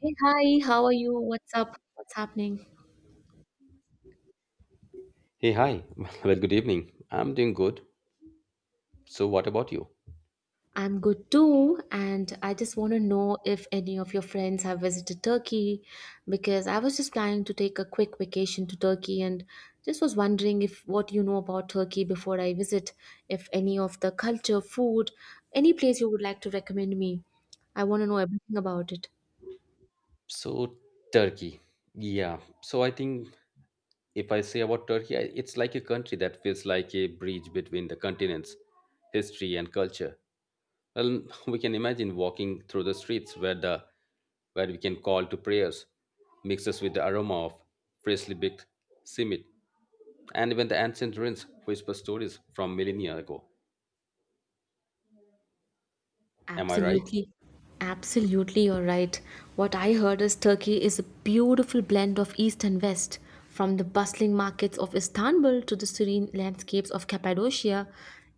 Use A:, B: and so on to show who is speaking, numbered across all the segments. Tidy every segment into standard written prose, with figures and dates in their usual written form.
A: Hey, hi, how are you? What's up? What's happening?
B: Hey, hi. Well, good evening. I'm doing good. So, what about you?
A: I'm good too, and I just want to know if any of your friends have visited Turkey because I was just planning to take a quick vacation to Turkey and just was wondering if what you know about Turkey before I visit, if any of the culture, food, any place you would like to recommend me. I want to know everything about it.
B: So, Turkey. Yeah. So, I think if I say about Turkey, it's like a country that feels like a bridge between the continents, history, and culture. Well, we can imagine walking through the streets where we can call to prayers, mixes with the aroma of freshly baked simit, and even the ancient ruins whisper stories from millennia ago. Am I right?
A: Absolutely. Absolutely, you're right. What I heard is Turkey is a beautiful blend of East and West. From the bustling markets of Istanbul to the serene landscapes of Cappadocia,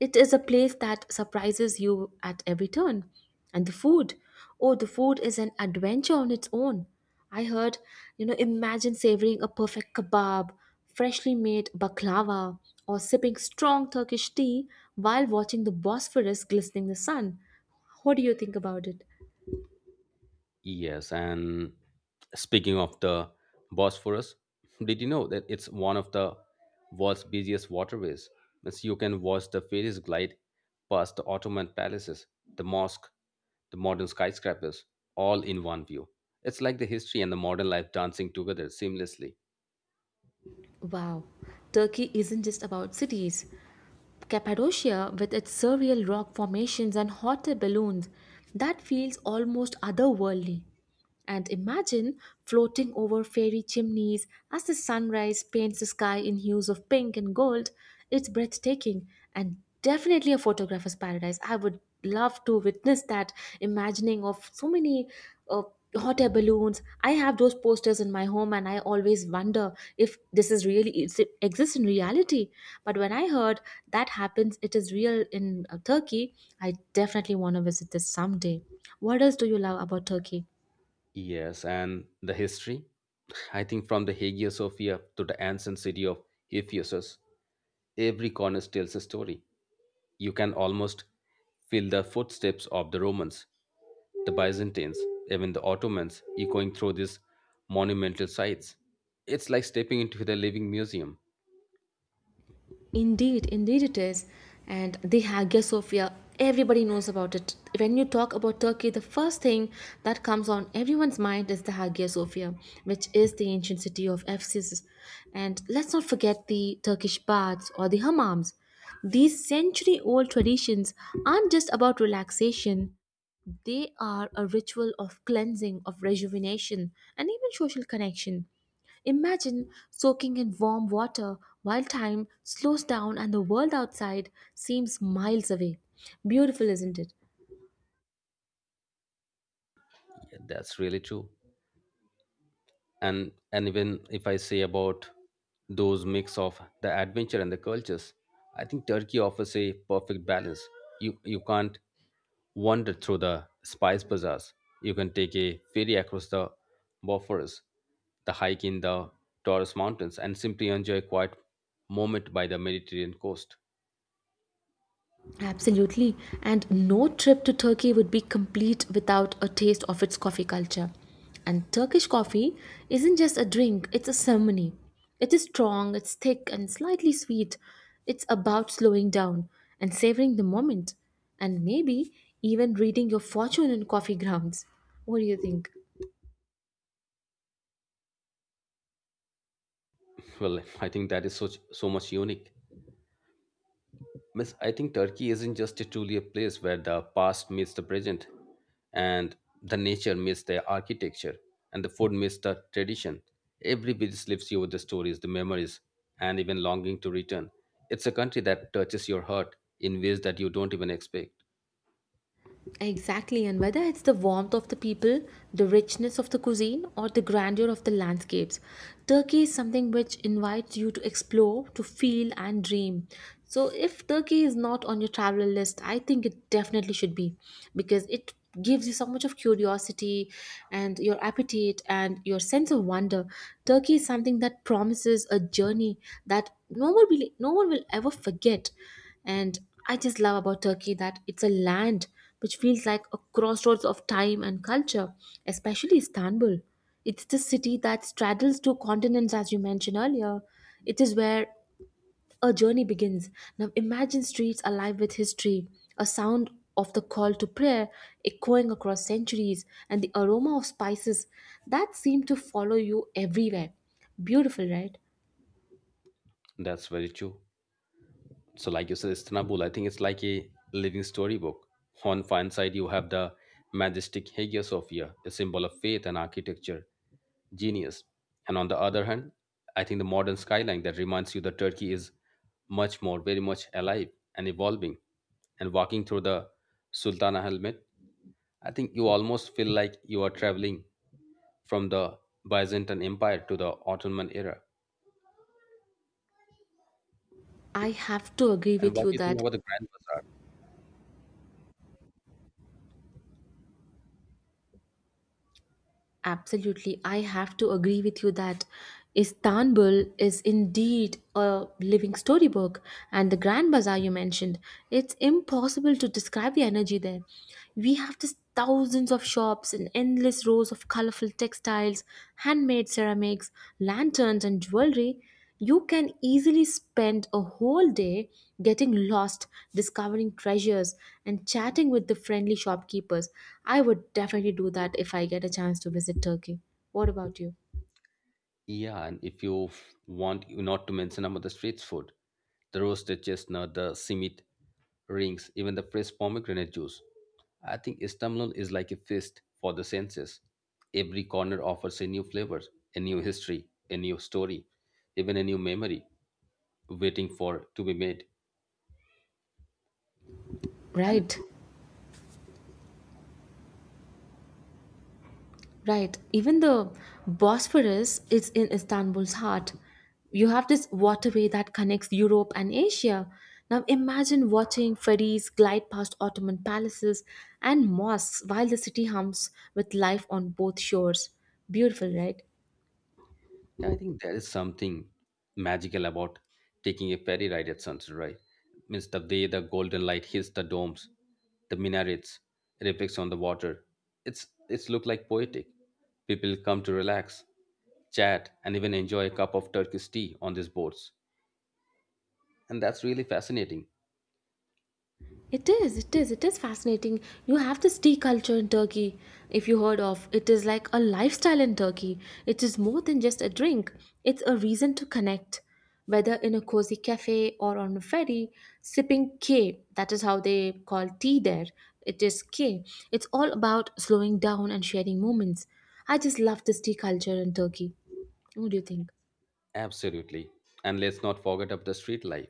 A: it is a place that surprises you at every turn. And the food. Oh, the food is an adventure on its own. I heard, you know, imagine savoring a perfect kebab, freshly made baklava, or sipping strong Turkish tea while watching the Bosphorus glistening in the sun. What do you think about it?
B: Yes, and speaking of the Bosphorus, did you know that it's one of the world's busiest waterways? Means you can watch the ferries glide past the Ottoman palaces, the mosque, the modern skyscrapers, all in one view. It's like the history and the modern life dancing together seamlessly.
A: Wow, Turkey isn't just about cities. Cappadocia, with its surreal rock formations and hot air balloons, that feels almost otherworldly. And imagine floating over fairy chimneys as the sunrise paints the sky in hues of pink and gold. It's breathtaking and definitely a photographer's paradise. I would love to witness that imagining of so many uh, hot air balloons. I have those posters in my home and I always wonder if this is really is it exists in reality. But when I heard that happens, it is real in Turkey, I definitely want to visit this someday. What else do you love about Turkey?
B: Yes, and the history? I think from the Hagia Sophia to the ancient city of Ephesus, every corner tells a story. You can almost feel the footsteps of the Romans, the Byzantines, even the Ottomans echoing through these monumental sites. It's like stepping into the living museum.
A: Indeed, indeed it is. And the Hagia Sophia, everybody knows about it. When you talk about Turkey, the first thing that comes on everyone's mind is the Hagia Sophia, which is the ancient city of Ephesus. And let's not forget the Turkish baths or the hammams. These century old traditions aren't just about relaxation, they are a ritual of cleansing, of rejuvenation, and even social connection. Imagine soaking in warm water while time slows down and the world outside seems miles away. Beautiful, isn't it?
B: Yeah, that's really true. And even if I say about those mix of the adventure and the cultures, I think Turkey offers a perfect balance. You can't wander through the spice bazaars. You can take a ferry across the Bosphorus, the hike in the Taurus Mountains, and simply enjoy a quiet moment by the Mediterranean coast.
A: Absolutely. And no trip to Turkey would be complete without a taste of its coffee culture. And Turkish coffee isn't just a drink, it's a ceremony. It is strong, it's thick, and slightly sweet. It's about slowing down and savoring the moment, and maybe even reading your fortune in coffee grounds. What do you think?
B: Well, I think that is so, so much unique. Miss, I think Turkey isn't just a truly a place where the past meets the present, and the nature meets the architecture, and the food meets the tradition. Every visit lifts you with the stories, the memories, and even longing to return. It's a country that touches your heart in ways that you don't even expect.
A: Exactly, and whether it's the warmth of the people, the richness of the cuisine, or the grandeur of the landscapes, Turkey is something which invites you to explore, to feel, and dream. So, if Turkey is not on your travel list, I think it definitely should be because it gives you so much of curiosity and your appetite and your sense of wonder. Turkey is something that promises a journey that no one will ever forget. And I just love about Turkey that it's a land which feels like a crossroads of time and culture, especially Istanbul. It's the city that straddles two continents, as you mentioned earlier. It is where a journey begins. Now, imagine streets alive with history, a sound of the call to prayer echoing across centuries, and the aroma of spices that seem to follow you everywhere. Beautiful, right?
B: That's very true. So, like you said, Istanbul, I think it's like a living storybook. On one side, you have the majestic Hagia Sophia, a symbol of faith and architecture genius. And on the other hand, I think the modern skyline that reminds you that Turkey is much more, very much alive and evolving. And walking through the Sultana helmet, I think you almost feel like you are traveling from the Byzantine Empire to the Ottoman era.
A: I have to agree
B: And
A: with
B: what
A: you
B: do you think
A: that
B: about the Grand Bazaar?
A: Absolutely. I have to agree with you that Istanbul is indeed a living storybook, and the Grand Bazaar you mentioned, it's impossible to describe the energy there. We have just thousands of shops and endless rows of colorful textiles, handmade ceramics, lanterns, and jewelry. You can easily spend a whole day getting lost, discovering treasures, and chatting with the friendly shopkeepers. I would definitely do that if I get a chance to visit Turkey. What about you?
B: Yeah, and if you want not to mention about the street food, the roasted chestnut, the simit rings, even the fresh pomegranate juice. I think Istanbul is like a feast for the senses. Every corner offers a new flavor, a new history, a new story, even a new memory waiting for to be made. And
A: Right, right. Even the Bosphorus is in Istanbul's heart. You have this waterway that connects Europe and Asia. Now imagine watching ferries glide past Ottoman palaces and mosques while the city hums with life on both shores. Beautiful, right?
B: yeah, I think there is something magical about taking a ferry ride at sunset, right? Means the way the golden light hits the domes, the minarets, reflects on the water. It's look like poetic. People come to relax, chat, and even enjoy a cup of Turkish tea on these boats. And that's really fascinating.
A: It is, it is, it is fascinating. You have this tea culture in Turkey, if you heard of. It is like a lifestyle in Turkey. It is more than just a drink, it's a reason to connect. Whether in a cozy cafe or on a ferry, sipping K, that is how they call tea there. It is K. It's all about slowing down and sharing moments. I just love this tea culture in Turkey. What do you think?
B: Absolutely. And let's not forget of the street life.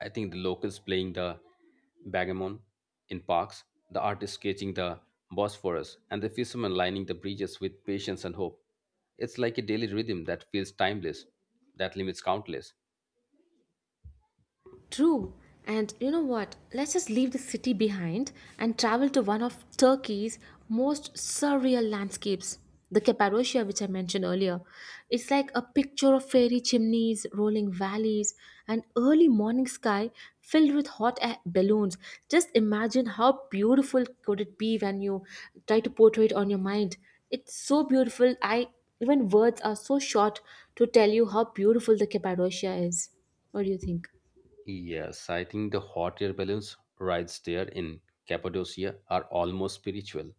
B: I think the locals playing the bagamon in parks, the artists sketching the Bosphorus, and the fishermen lining the bridges with patience and hope. It's like a daily rhythm that feels timeless, that limits countless.
A: True. And you know what? Let's just leave the city behind and travel to one of Turkey's most surreal landscapes, the Cappadocia, which I mentioned earlier. It's like a picture of fairy chimneys, rolling valleys, and early morning sky filled with hot air balloons. Just imagine how beautiful could it be when you try to portray it on your mind. It's so beautiful. I even words are so short to tell you how beautiful the Cappadocia is. What do you think?
B: Yes, I think the hot air balloons rides there in Cappadocia are almost spiritual.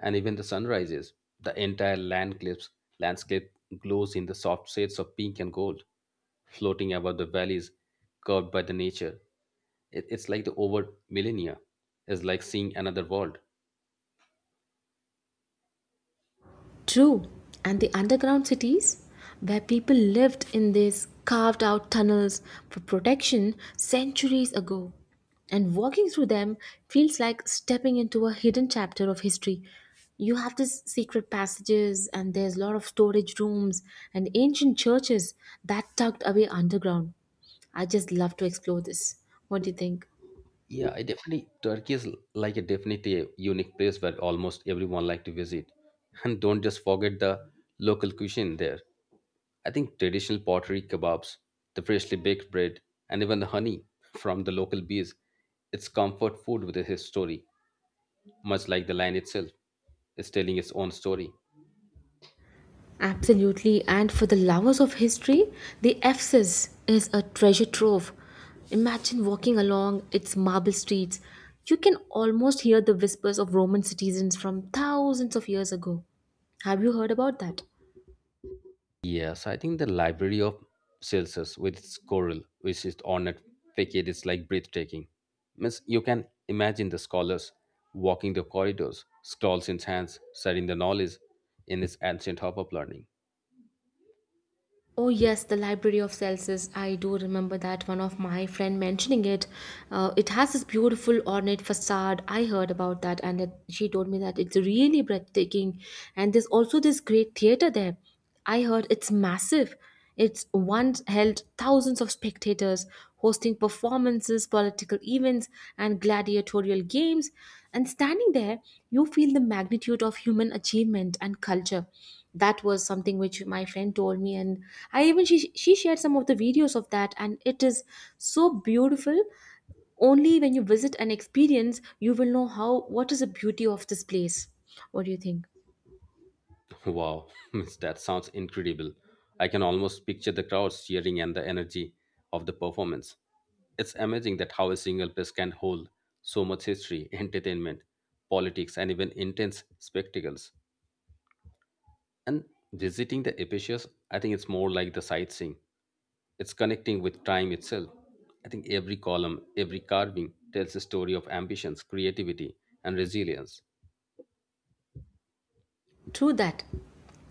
B: And even the sunrises, the entire land clips, landscape glows in the soft shades of pink and gold, floating above the valleys curved by the nature. It's like the over millennia is like seeing another world.
A: True, and the underground cities, where people lived in these carved out tunnels for protection centuries ago. And walking through them feels like stepping into a hidden chapter of history. You have these secret passages, and there's a lot of storage rooms and ancient churches that tucked away underground. I just love to explore this. What do you think?
B: Yeah, I definitely Turkey is like a definitely a unique place where almost everyone like to visit. And don't just forget the local cuisine there. I think traditional pottery kebabs, the freshly baked bread, and even the honey from the local bees, it's comfort food with a his story, much like the line itself. It's telling its own story.
A: Absolutely, and for the lovers of history, the Ephesus is a treasure trove. Imagine walking along its marble streets. You can almost hear the whispers of Roman citizens from thousands of years ago. Have you heard about that?
B: Yes, I think the library of Celsus with its coral, which is ornate facade, is like breathtaking. Means you can imagine the scholars walking the corridors, scrolls in hands, studying the knowledge in this ancient hub of learning.
A: Oh yes, the Library of Celsus. I do remember that one of my friend mentioning it. It has this beautiful ornate facade. I heard about that, and it, she told me that it's really breathtaking. And there's also this great theater there. I heard it's massive. It's once held thousands of spectators, hosting performances, political events, and gladiatorial games. And standing there, you feel the magnitude of human achievement and culture. That was something which my friend told me, and I even she shared some of the videos of that, and it is so beautiful. Only when you visit and experience, you will know how what is the beauty of this place. What do you think?
B: Wow, means that sounds incredible. I can almost picture the crowds cheering and the energy of the performance. It's amazing that how a single place can hold so much history, entertainment, politics, and even intense spectacles. And visiting the Epicus, I think it's more like the sightseeing. It's connecting with time itself. I think every column, every carving tells a story of ambitions, creativity, and resilience.
A: True that.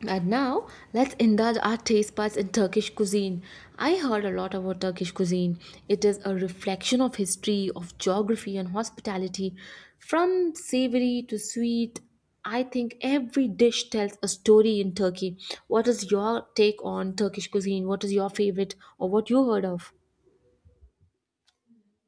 A: And now let's indulge our taste buds in Turkish cuisine. I heard a lot about Turkish cuisine. It is a reflection of history, of geography, and hospitality. From savory to sweet, I think every dish tells a story in Turkey. What is your take on Turkish cuisine? What is your favorite or what you heard of?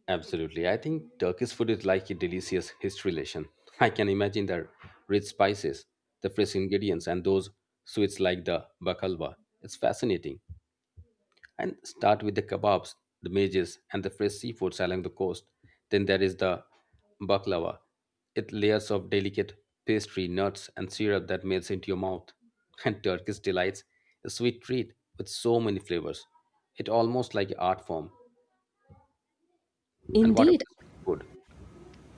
B: Absolutely. I think Turkish food is like a delicious history lesson. I can imagine the rich spices, the fresh ingredients, and those sweets like the baklava. It's fascinating. And start with the kebabs, the mages, and the fresh seafoods along the coast. Then there is the baklava. It layers of delicate pastry, nuts, and syrup that melts into your mouth. And Turkish delights a sweet treat with so many flavors. It almost like an art form. And what about
A: Indeed,
B: the street food?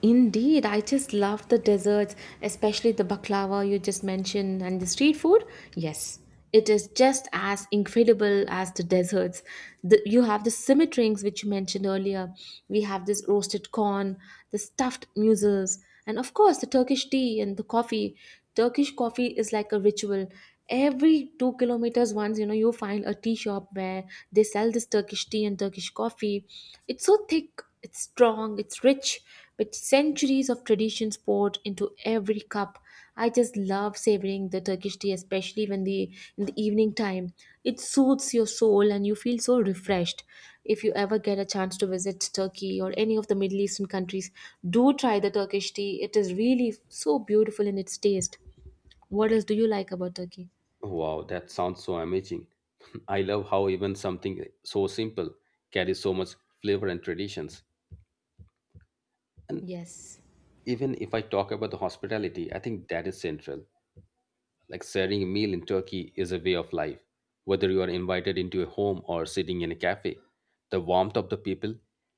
A: indeed, I just love the desserts, especially the baklava you just mentioned and the street food. Yes, it is just as incredible as the desserts. The, you have the simmet rings, which you mentioned earlier. We have this roasted corn, the stuffed mussels, and of course, the Turkish tea and the coffee. Turkish coffee is like a ritual. Every 2 kilometers once, you know, you find a tea shop where they sell this Turkish tea and Turkish coffee. It's so thick, it's strong, it's rich, with centuries of traditions poured into every cup. I just love savoring the Turkish tea, especially when the in the evening time, it soothes your soul and you feel so refreshed. If you ever get a chance to visit Turkey or any of the Middle Eastern countries, do try the Turkish tea. It is really so beautiful in its taste. What else do you like about Turkey?
B: Wow, that sounds so amazing. I love how even something so simple carries so much flavor and traditions. And
A: Yes,
B: even if I talk about the hospitality, I think that is central. Like sharing a meal in Turkey is a way of life. Whether you are invited into a home or sitting in a cafe, the warmth of the people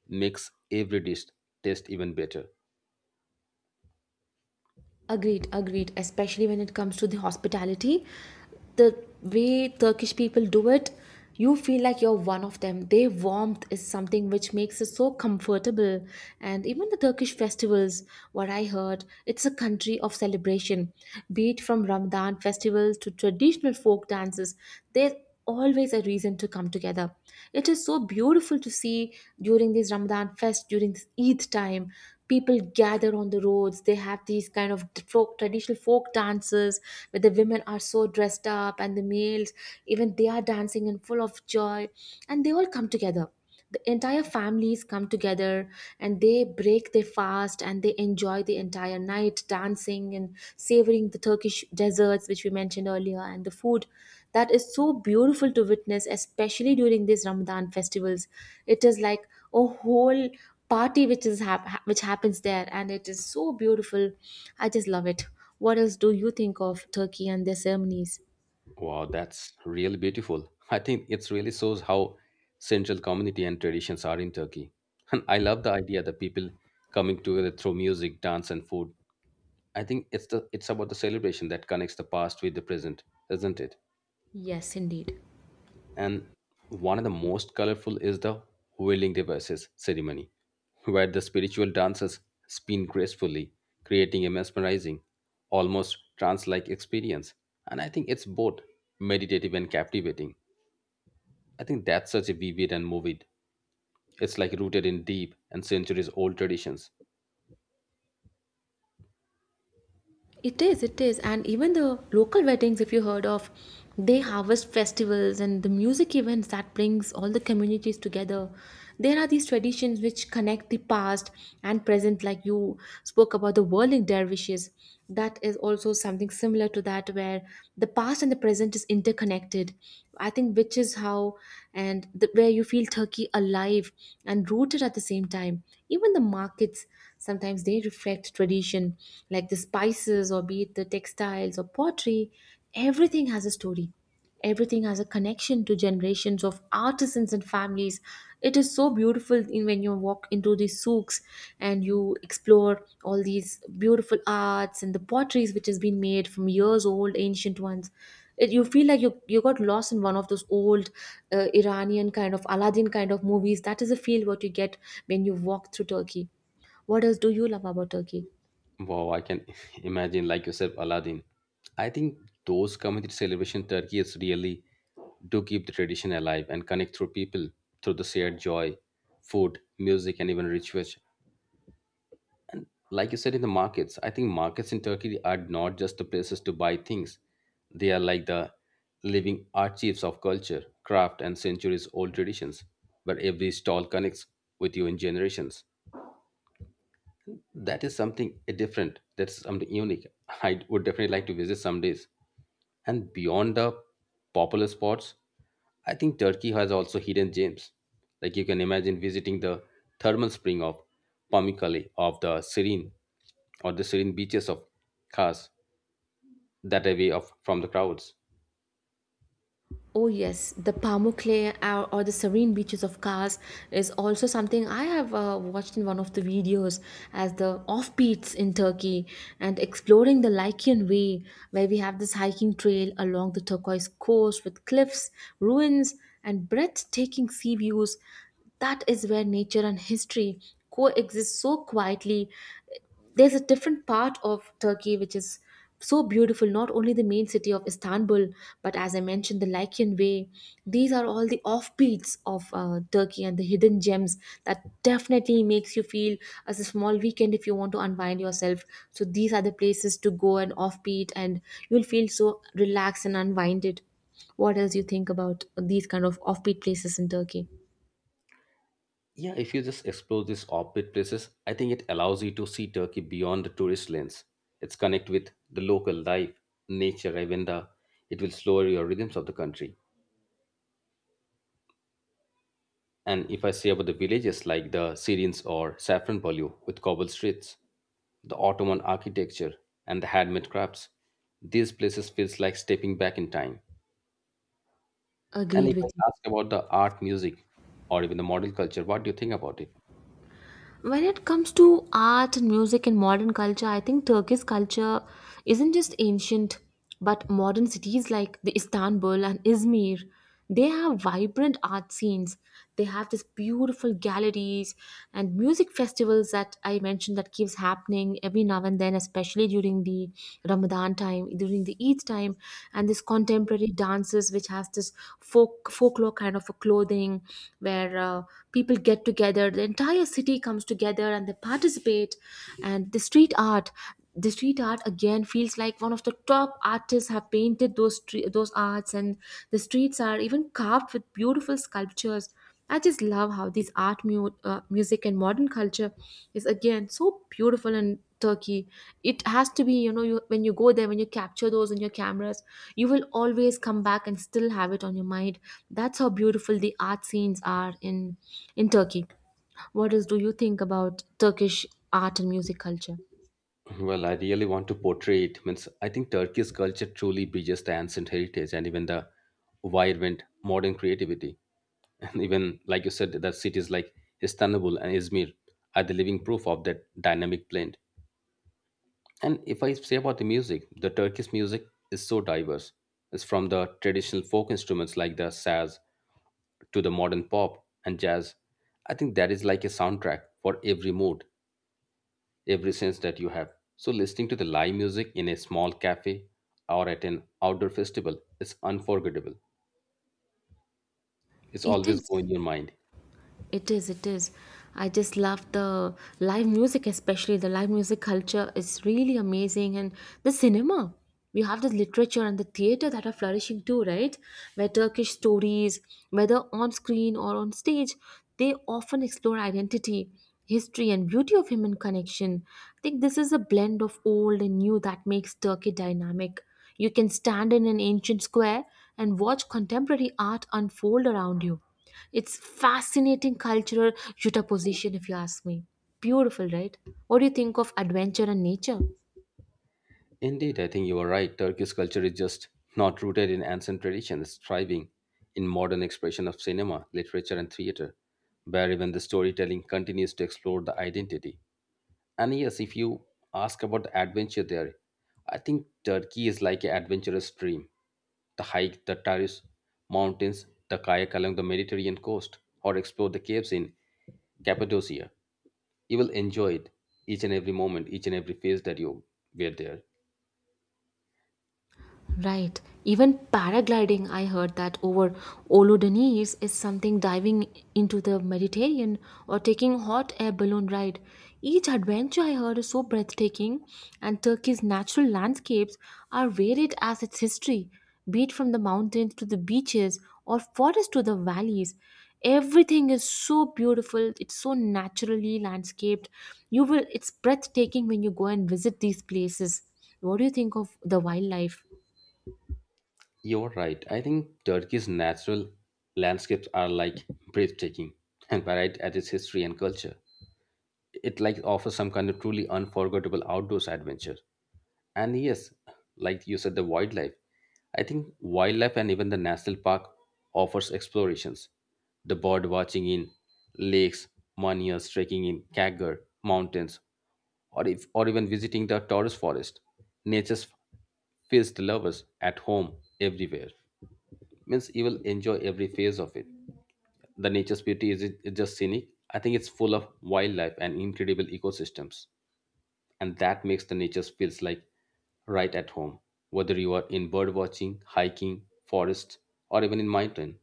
B: makes every dish taste even better.
A: agreed, agreed. Especially when it comes to the hospitality, the way Turkish people do it, you feel like you're one of them. Their warmth is something which makes it so comfortable. And even the Turkish festivals, what I heard, it's a country of celebration. Be it from Ramadan festivals to traditional folk dances, there always a reason to come together. It is so beautiful to see during this Ramadan fest, during this Eid time, people gather on the roads. They have these kind of folk, traditional folk dances where the women are so dressed up and the males, even they are dancing in full of joy and they all come together, the entire families come together, and they break their fast and they enjoy the entire night dancing and savoring the Turkish desserts which we mentioned earlier and the food. That is so beautiful to witness, especially during these Ramadan festivals. It is like a whole party which is which happens there, and it is so beautiful. I just love it. What else do you think of Turkey and their ceremonies?
B: Wow, that's really beautiful. I think it really shows how central community and traditions are in Turkey. And I love the idea that people coming together through music, dance, and food. I think it's about the celebration that connects the past with the present, isn't it?
A: Yes, indeed.
B: And one of the most colorful is the whirling dervishes ceremony, where the spiritual dancers spin gracefully, creating a mesmerizing, almost trance-like experience. And I think it's both meditative and captivating. I think that's such a vivid and moving. It's like rooted in deep and centuries old traditions.
A: It is, it is. And even the local weddings, if you heard of, they harvest festivals and the music events that brings all the communities together. There are these traditions which connect the past and present, like you spoke about the whirling dervishes. That is also something similar to that, where the past and the present is interconnected. I think which is how and the, where you feel Turkey alive and rooted at the same time. Even the markets sometimes they reflect tradition, like the spices, or be it the textiles or pottery, everything has a story. Everything has a connection to generations of artisans and families. It is so beautiful in when you walk into these souks and you explore all these beautiful arts and the potteries which has been made from years old, ancient ones. It, you feel like you got lost in one of those old Iranian kind of Aladdin kind of movies. That is a feel what you get when you walk through Turkey. What else do you love about Turkey?
B: Wow, I can imagine, like yourself, Aladdin. I think those community celebration Turkey is really do keep the tradition alive and connect through people through the shared joy, food, music, and even rituals. Like you said in the markets, I think markets in Turkey are not just the places to buy things. They are like the living archives of culture, craft, and centuries old traditions, where every stall connects with you in generations. That is something different, that's something unique. I would definitely like to visit some days. And beyond the popular spots, I think Turkey has also hidden gems. Like you can imagine visiting the thermal spring of Pamukkale of the Serene or the serene beaches of cars that away of from the crowds.
A: Oh yes, the Pamukkale or the serene beaches of Kars is also something I have watched in one of the videos as the offbeats in Turkey and exploring the Lycian Way where we have this hiking trail along the turquoise coast with cliffs, ruins, and breathtaking sea views. That is where nature and history coexist so quietly. There's a different part of Turkey which is so beautiful, not only the main city of Istanbul, but as I mentioned, the Lycian Way. These are all the offbeats of Turkey and the hidden gems that definitely makes you feel as a small weekend if you want to unwind yourself. So these are the places to go and offbeat, and you'll feel so relaxed and unwinded. What else you think about these kind of offbeat places in Turkey?
B: Yeah, if you just explore these offbeat places, I think it allows you to see Turkey beyond the tourist lens. It's connect with the local life, nature, even the it will slow your rhythms of the country. And if I say about the villages like the Syrians or Safranbolu with cobble streets, the Ottoman architecture and the handmade crafts, these places feels like stepping back in time. And
A: Agreed
B: if I
A: with you.
B: ask about the art, music, or even the modern culture, what do you think about it?
A: When it comes to art and music and modern culture, I think Turkey's culture isn't just ancient, but modern cities like the Istanbul and Izmir, they have vibrant art scenes. They have these beautiful galleries and music festivals that I mentioned that keeps happening every now and then, especially during the Ramadan time, during the Eid time, and this contemporary dances which has this folklore kind of a clothing where people get together, the entire city comes together and they participate, and the street art. The street art again feels like one of the top artists have painted those arts, and the streets are even carved with beautiful sculptures. I just love how this art, music, and modern culture is again so beautiful in Turkey. It has to be, you know, you, when you go there, when you capture those on your cameras, you will always come back and still have it on your mind. That's how beautiful the art scenes are in Turkey. What else do you think about Turkish art and music culture?
B: Well, I really want to portray it. Means I think Turkey's culture truly bridges the ancient heritage and even the vibrant modern creativity. And even like you said, that cities like Istanbul and Izmir are the living proof of that dynamic blend. And if I say about the music, the Turkish music is so diverse. It's from the traditional folk instruments like the saz to the modern pop and jazz. I think that is like a soundtrack for every mood, every sense that you have. So, listening to the live music in a small cafe or at an outdoor festival is unforgettable. It's
A: It
B: always
A: is.
B: going in your mind.
A: It is, it is. I just love the live music, especially the live music culture is really amazing. And the cinema, you have the literature and the theater that are flourishing too, right? Where Turkish stories, whether on screen or on stage, they often explore identity, history, and beauty of human connection. I think this is a blend of old and new that makes Turkey dynamic. You can stand in an ancient square and watch contemporary art unfold around you. It's fascinating cultural juxtaposition, if you ask me. Beautiful, right? What do you think of adventure and nature?
B: Indeed, I think you are right. Turkish culture is just not rooted in ancient tradition, it's thriving in modern expression of cinema, literature, and theater, where even the storytelling continues to explore the identity. And yes, if you ask about the adventure there, I think Turkey is like an adventurous dream. The hike the terrace mountains, the kayak along the Mediterranean coast, or explore the caves in Cappadocia. You will enjoy it each and every moment, each and every phase that you were there.
A: Right. Even paragliding, I heard that over Olodeniz is something, diving into the Mediterranean or taking hot air balloon ride. Each adventure I heard is so breathtaking, and Turkey's natural landscapes are varied as its history, be it from the mountains to the beaches or forests to the valleys. Everything is so beautiful. It's so naturally landscaped. You will. It's breathtaking when you go and visit these places. What do you think of the wildlife?
B: You're right. I think Turkey's natural landscapes are like breathtaking and varied at its history and culture. It like offers some kind of truly unforgettable outdoors adventure. And yes, like you said, the wildlife. I think wildlife and even the national park offers explorations. The bird watching in lakes, monies trekking in Kagger mountains, or if or even visiting the Taurus forest. Nature's feels the lovers at home everywhere. Means you will enjoy every phase of it. The nature's beauty is it, just scenic. I think it's full of wildlife and incredible ecosystems and that makes the nature feels like right at home whether you are in bird watching, hiking, forest, or even in mountain.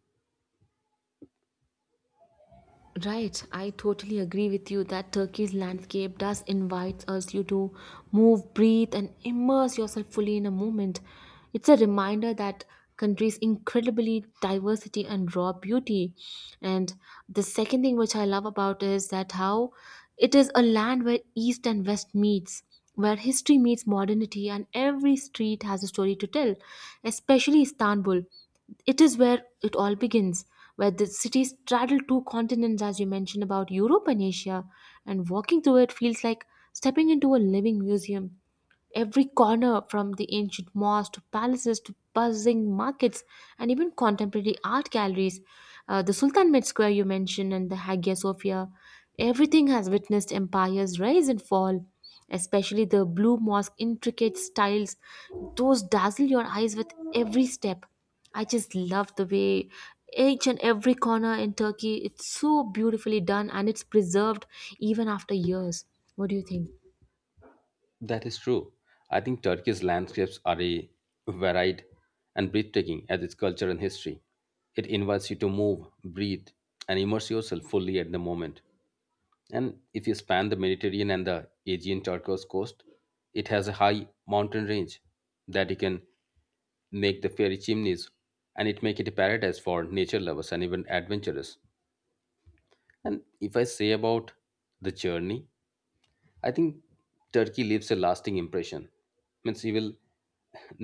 A: Right, I totally agree with you that Turkey's landscape does invite us you to move, breathe, and immerse yourself fully in a moment. It's a reminder that country's incredibly diversity and raw beauty. And the second thing which I love about is that how it is a land where East and West meets, where history meets modernity, and every street has a story to tell, especially Istanbul. It is where it all begins, where the cities straddle two continents, as you mentioned about Europe and Asia, and walking through it feels like stepping into a living museum. Every corner, from the ancient mosques to palaces to buzzing markets and even contemporary art galleries, the Sultanahmet Square you mentioned and the Hagia Sophia, everything has witnessed empires rise and fall, especially the blue mosque intricate styles, those dazzle your eyes with every step. I just love the way each and every corner in Turkey, it's so beautifully done and it's preserved even after years. What do you think?
B: That is true. I think Turkey's landscapes are a varied and breathtaking as its culture and history. It invites you to move, breathe, and immerse yourself fully at the moment. And if you span the Mediterranean and the Aegean Turkish coast, it has a high mountain range that you can make the fairy chimneys and it make it a paradise for nature lovers and even adventurers. And if I say about the journey, I think Turkey leaves a lasting impression. Means you will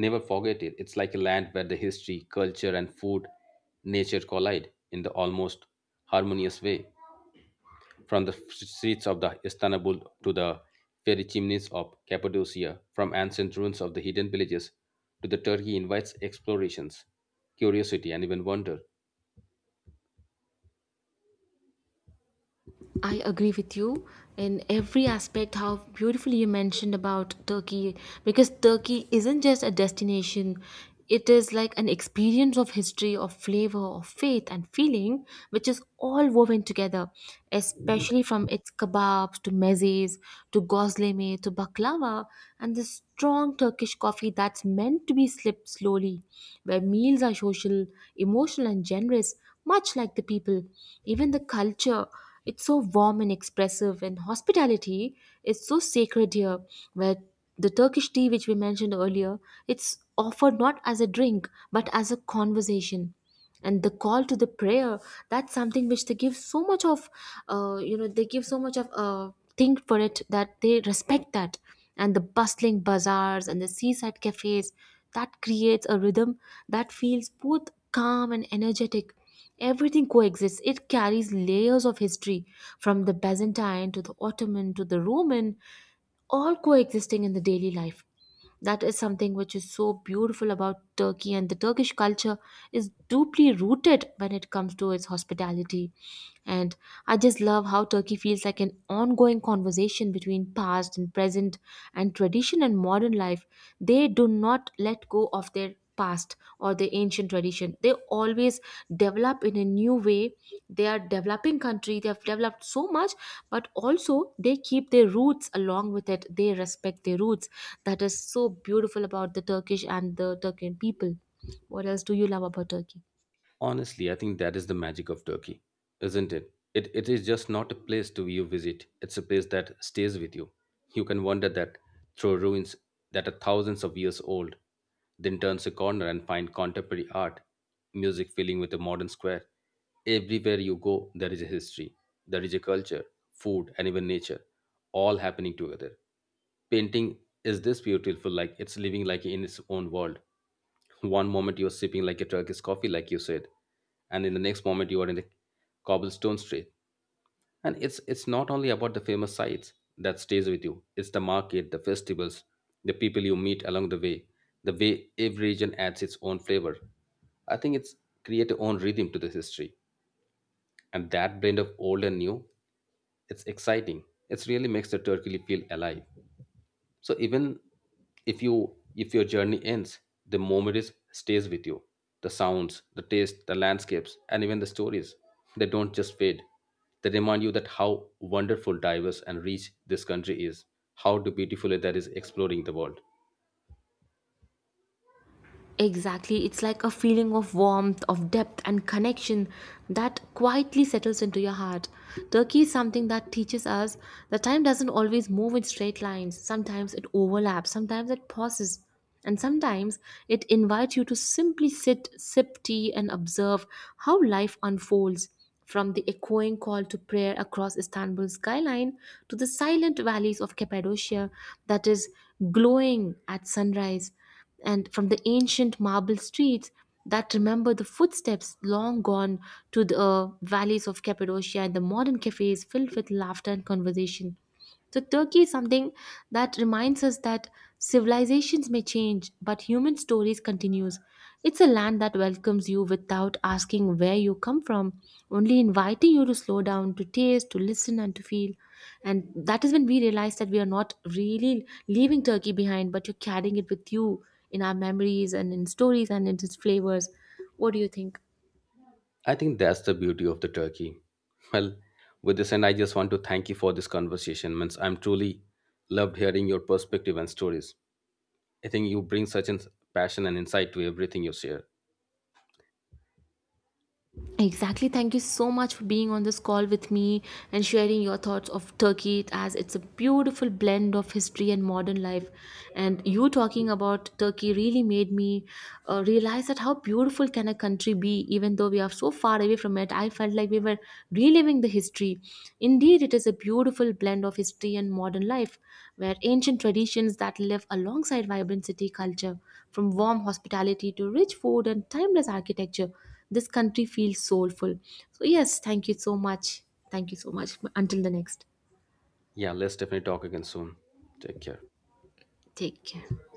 B: never forget it. It's like a land where the history, culture and food, nature collide in the almost harmonious way. From the streets of the Istanbul to the fairy chimneys of Cappadocia, from ancient ruins of the hidden villages to the Turkey invites explorations, curiosity, and even wonder.
A: I agree with you in every aspect how beautifully you mentioned about Turkey, because Turkey isn't just a destination, it is like an experience of history, of flavor, of faith and feeling, which is all woven together, especially from its kebabs to mezes to gosleme to baklava, and the strong Turkish coffee that's meant to be sipped slowly, where meals are social, emotional, and generous, much like the people. Even the culture, it's so warm and expressive, and hospitality is so sacred here, where the Turkish tea, which we mentioned earlier, it's offered not as a drink but as a conversation. And the call to the prayer, that's something which they give so much of, they give so much of think for it that they respect that. And the bustling bazaars and the seaside cafes, that creates a rhythm that feels both calm and energetic. Everything coexists. It carries layers of history from the Byzantine to the Ottoman to the Roman, all coexisting in the daily life. That is something which is so beautiful about Turkey, and the Turkish culture is deeply rooted when it comes to its hospitality. And I just love how Turkey feels like an ongoing conversation between past and present, and tradition and modern life. They do not let go of their past or their ancient tradition. They always develop in a new way. They are developing country. They have developed so much, but also they keep their roots along with it. They respect their roots, that is so beautiful about the Turkish and the Turkian people. What else do you love about Turkey?
B: Honestly, I think that is the magic of Turkey, isn't it? It is just not a place to you visit. It's a place that stays with you. You can wander that through ruins that are thousands of years old, then turns a corner and find contemporary art, music filling with a modern square. Everywhere you go, there is a history, there is a culture, food, and even nature, all happening together. Painting is this beautiful, like it's living like in its own world. One moment you're sipping like a Turkish coffee like you said, and in the next moment you are in the cobblestone street. And it's not only about the famous sights that stays with you, it's the market, the festivals, the people you meet along the way, the way every region adds its own flavor. I think it's create a own rhythm to this history, and that blend of old and new, it's exciting. It really makes the Turkey feel alive. So even if you if your journey ends, the memories stays with you, the sounds, the taste, the landscapes, and even the stories, they don't just fade. They remind you that how wonderful, diverse and rich this country is, how beautifully that is exploring the world.
A: Exactly, it's like a feeling of warmth, of depth, and connection that quietly settles into your heart. Turkey is something that teaches us that time doesn't always move in straight lines. Sometimes it overlaps, sometimes it pauses, and sometimes it invites you to simply sit, sip tea, and observe how life unfolds, from the echoing call to prayer across Istanbul's skyline to the silent valleys of Cappadocia that is glowing at sunrise, and from the ancient marble streets that remember the footsteps long gone to the valleys of Cappadocia and the modern cafes filled with laughter and conversation. So, Turkey is something that reminds us that civilizations may change, but human stories continues. It's a land that welcomes you without asking where you come from, only inviting you to slow down, to taste, to listen, and to feel. And that is when we realize that we are not really leaving Turkey behind, but you're carrying it with you in our memories and in stories and in its flavors. What do you think?
B: I think that's the beauty of the Turkey. Well, with this, and I just want to thank you for this conversation. Means I'm truly loved hearing your perspective and stories. I think you bring such an passion and insight to everything you share.
A: Exactly. Thank you so much for being on this call with me and sharing your thoughts of Turkey, as it's a beautiful blend of history and modern life. And you talking about Turkey really made me realize that how beautiful can a country be even though we are so far away from it. I felt like we were reliving the history. Indeed, it is a beautiful blend of history and modern life where ancient traditions that live alongside vibrant city culture, from warm hospitality to rich food and timeless architecture. This country feels soulful. So, yes, thank you so much. Thank you so much. Until the next,
B: Yeah, let's definitely talk again soon. Take care.
A: take care.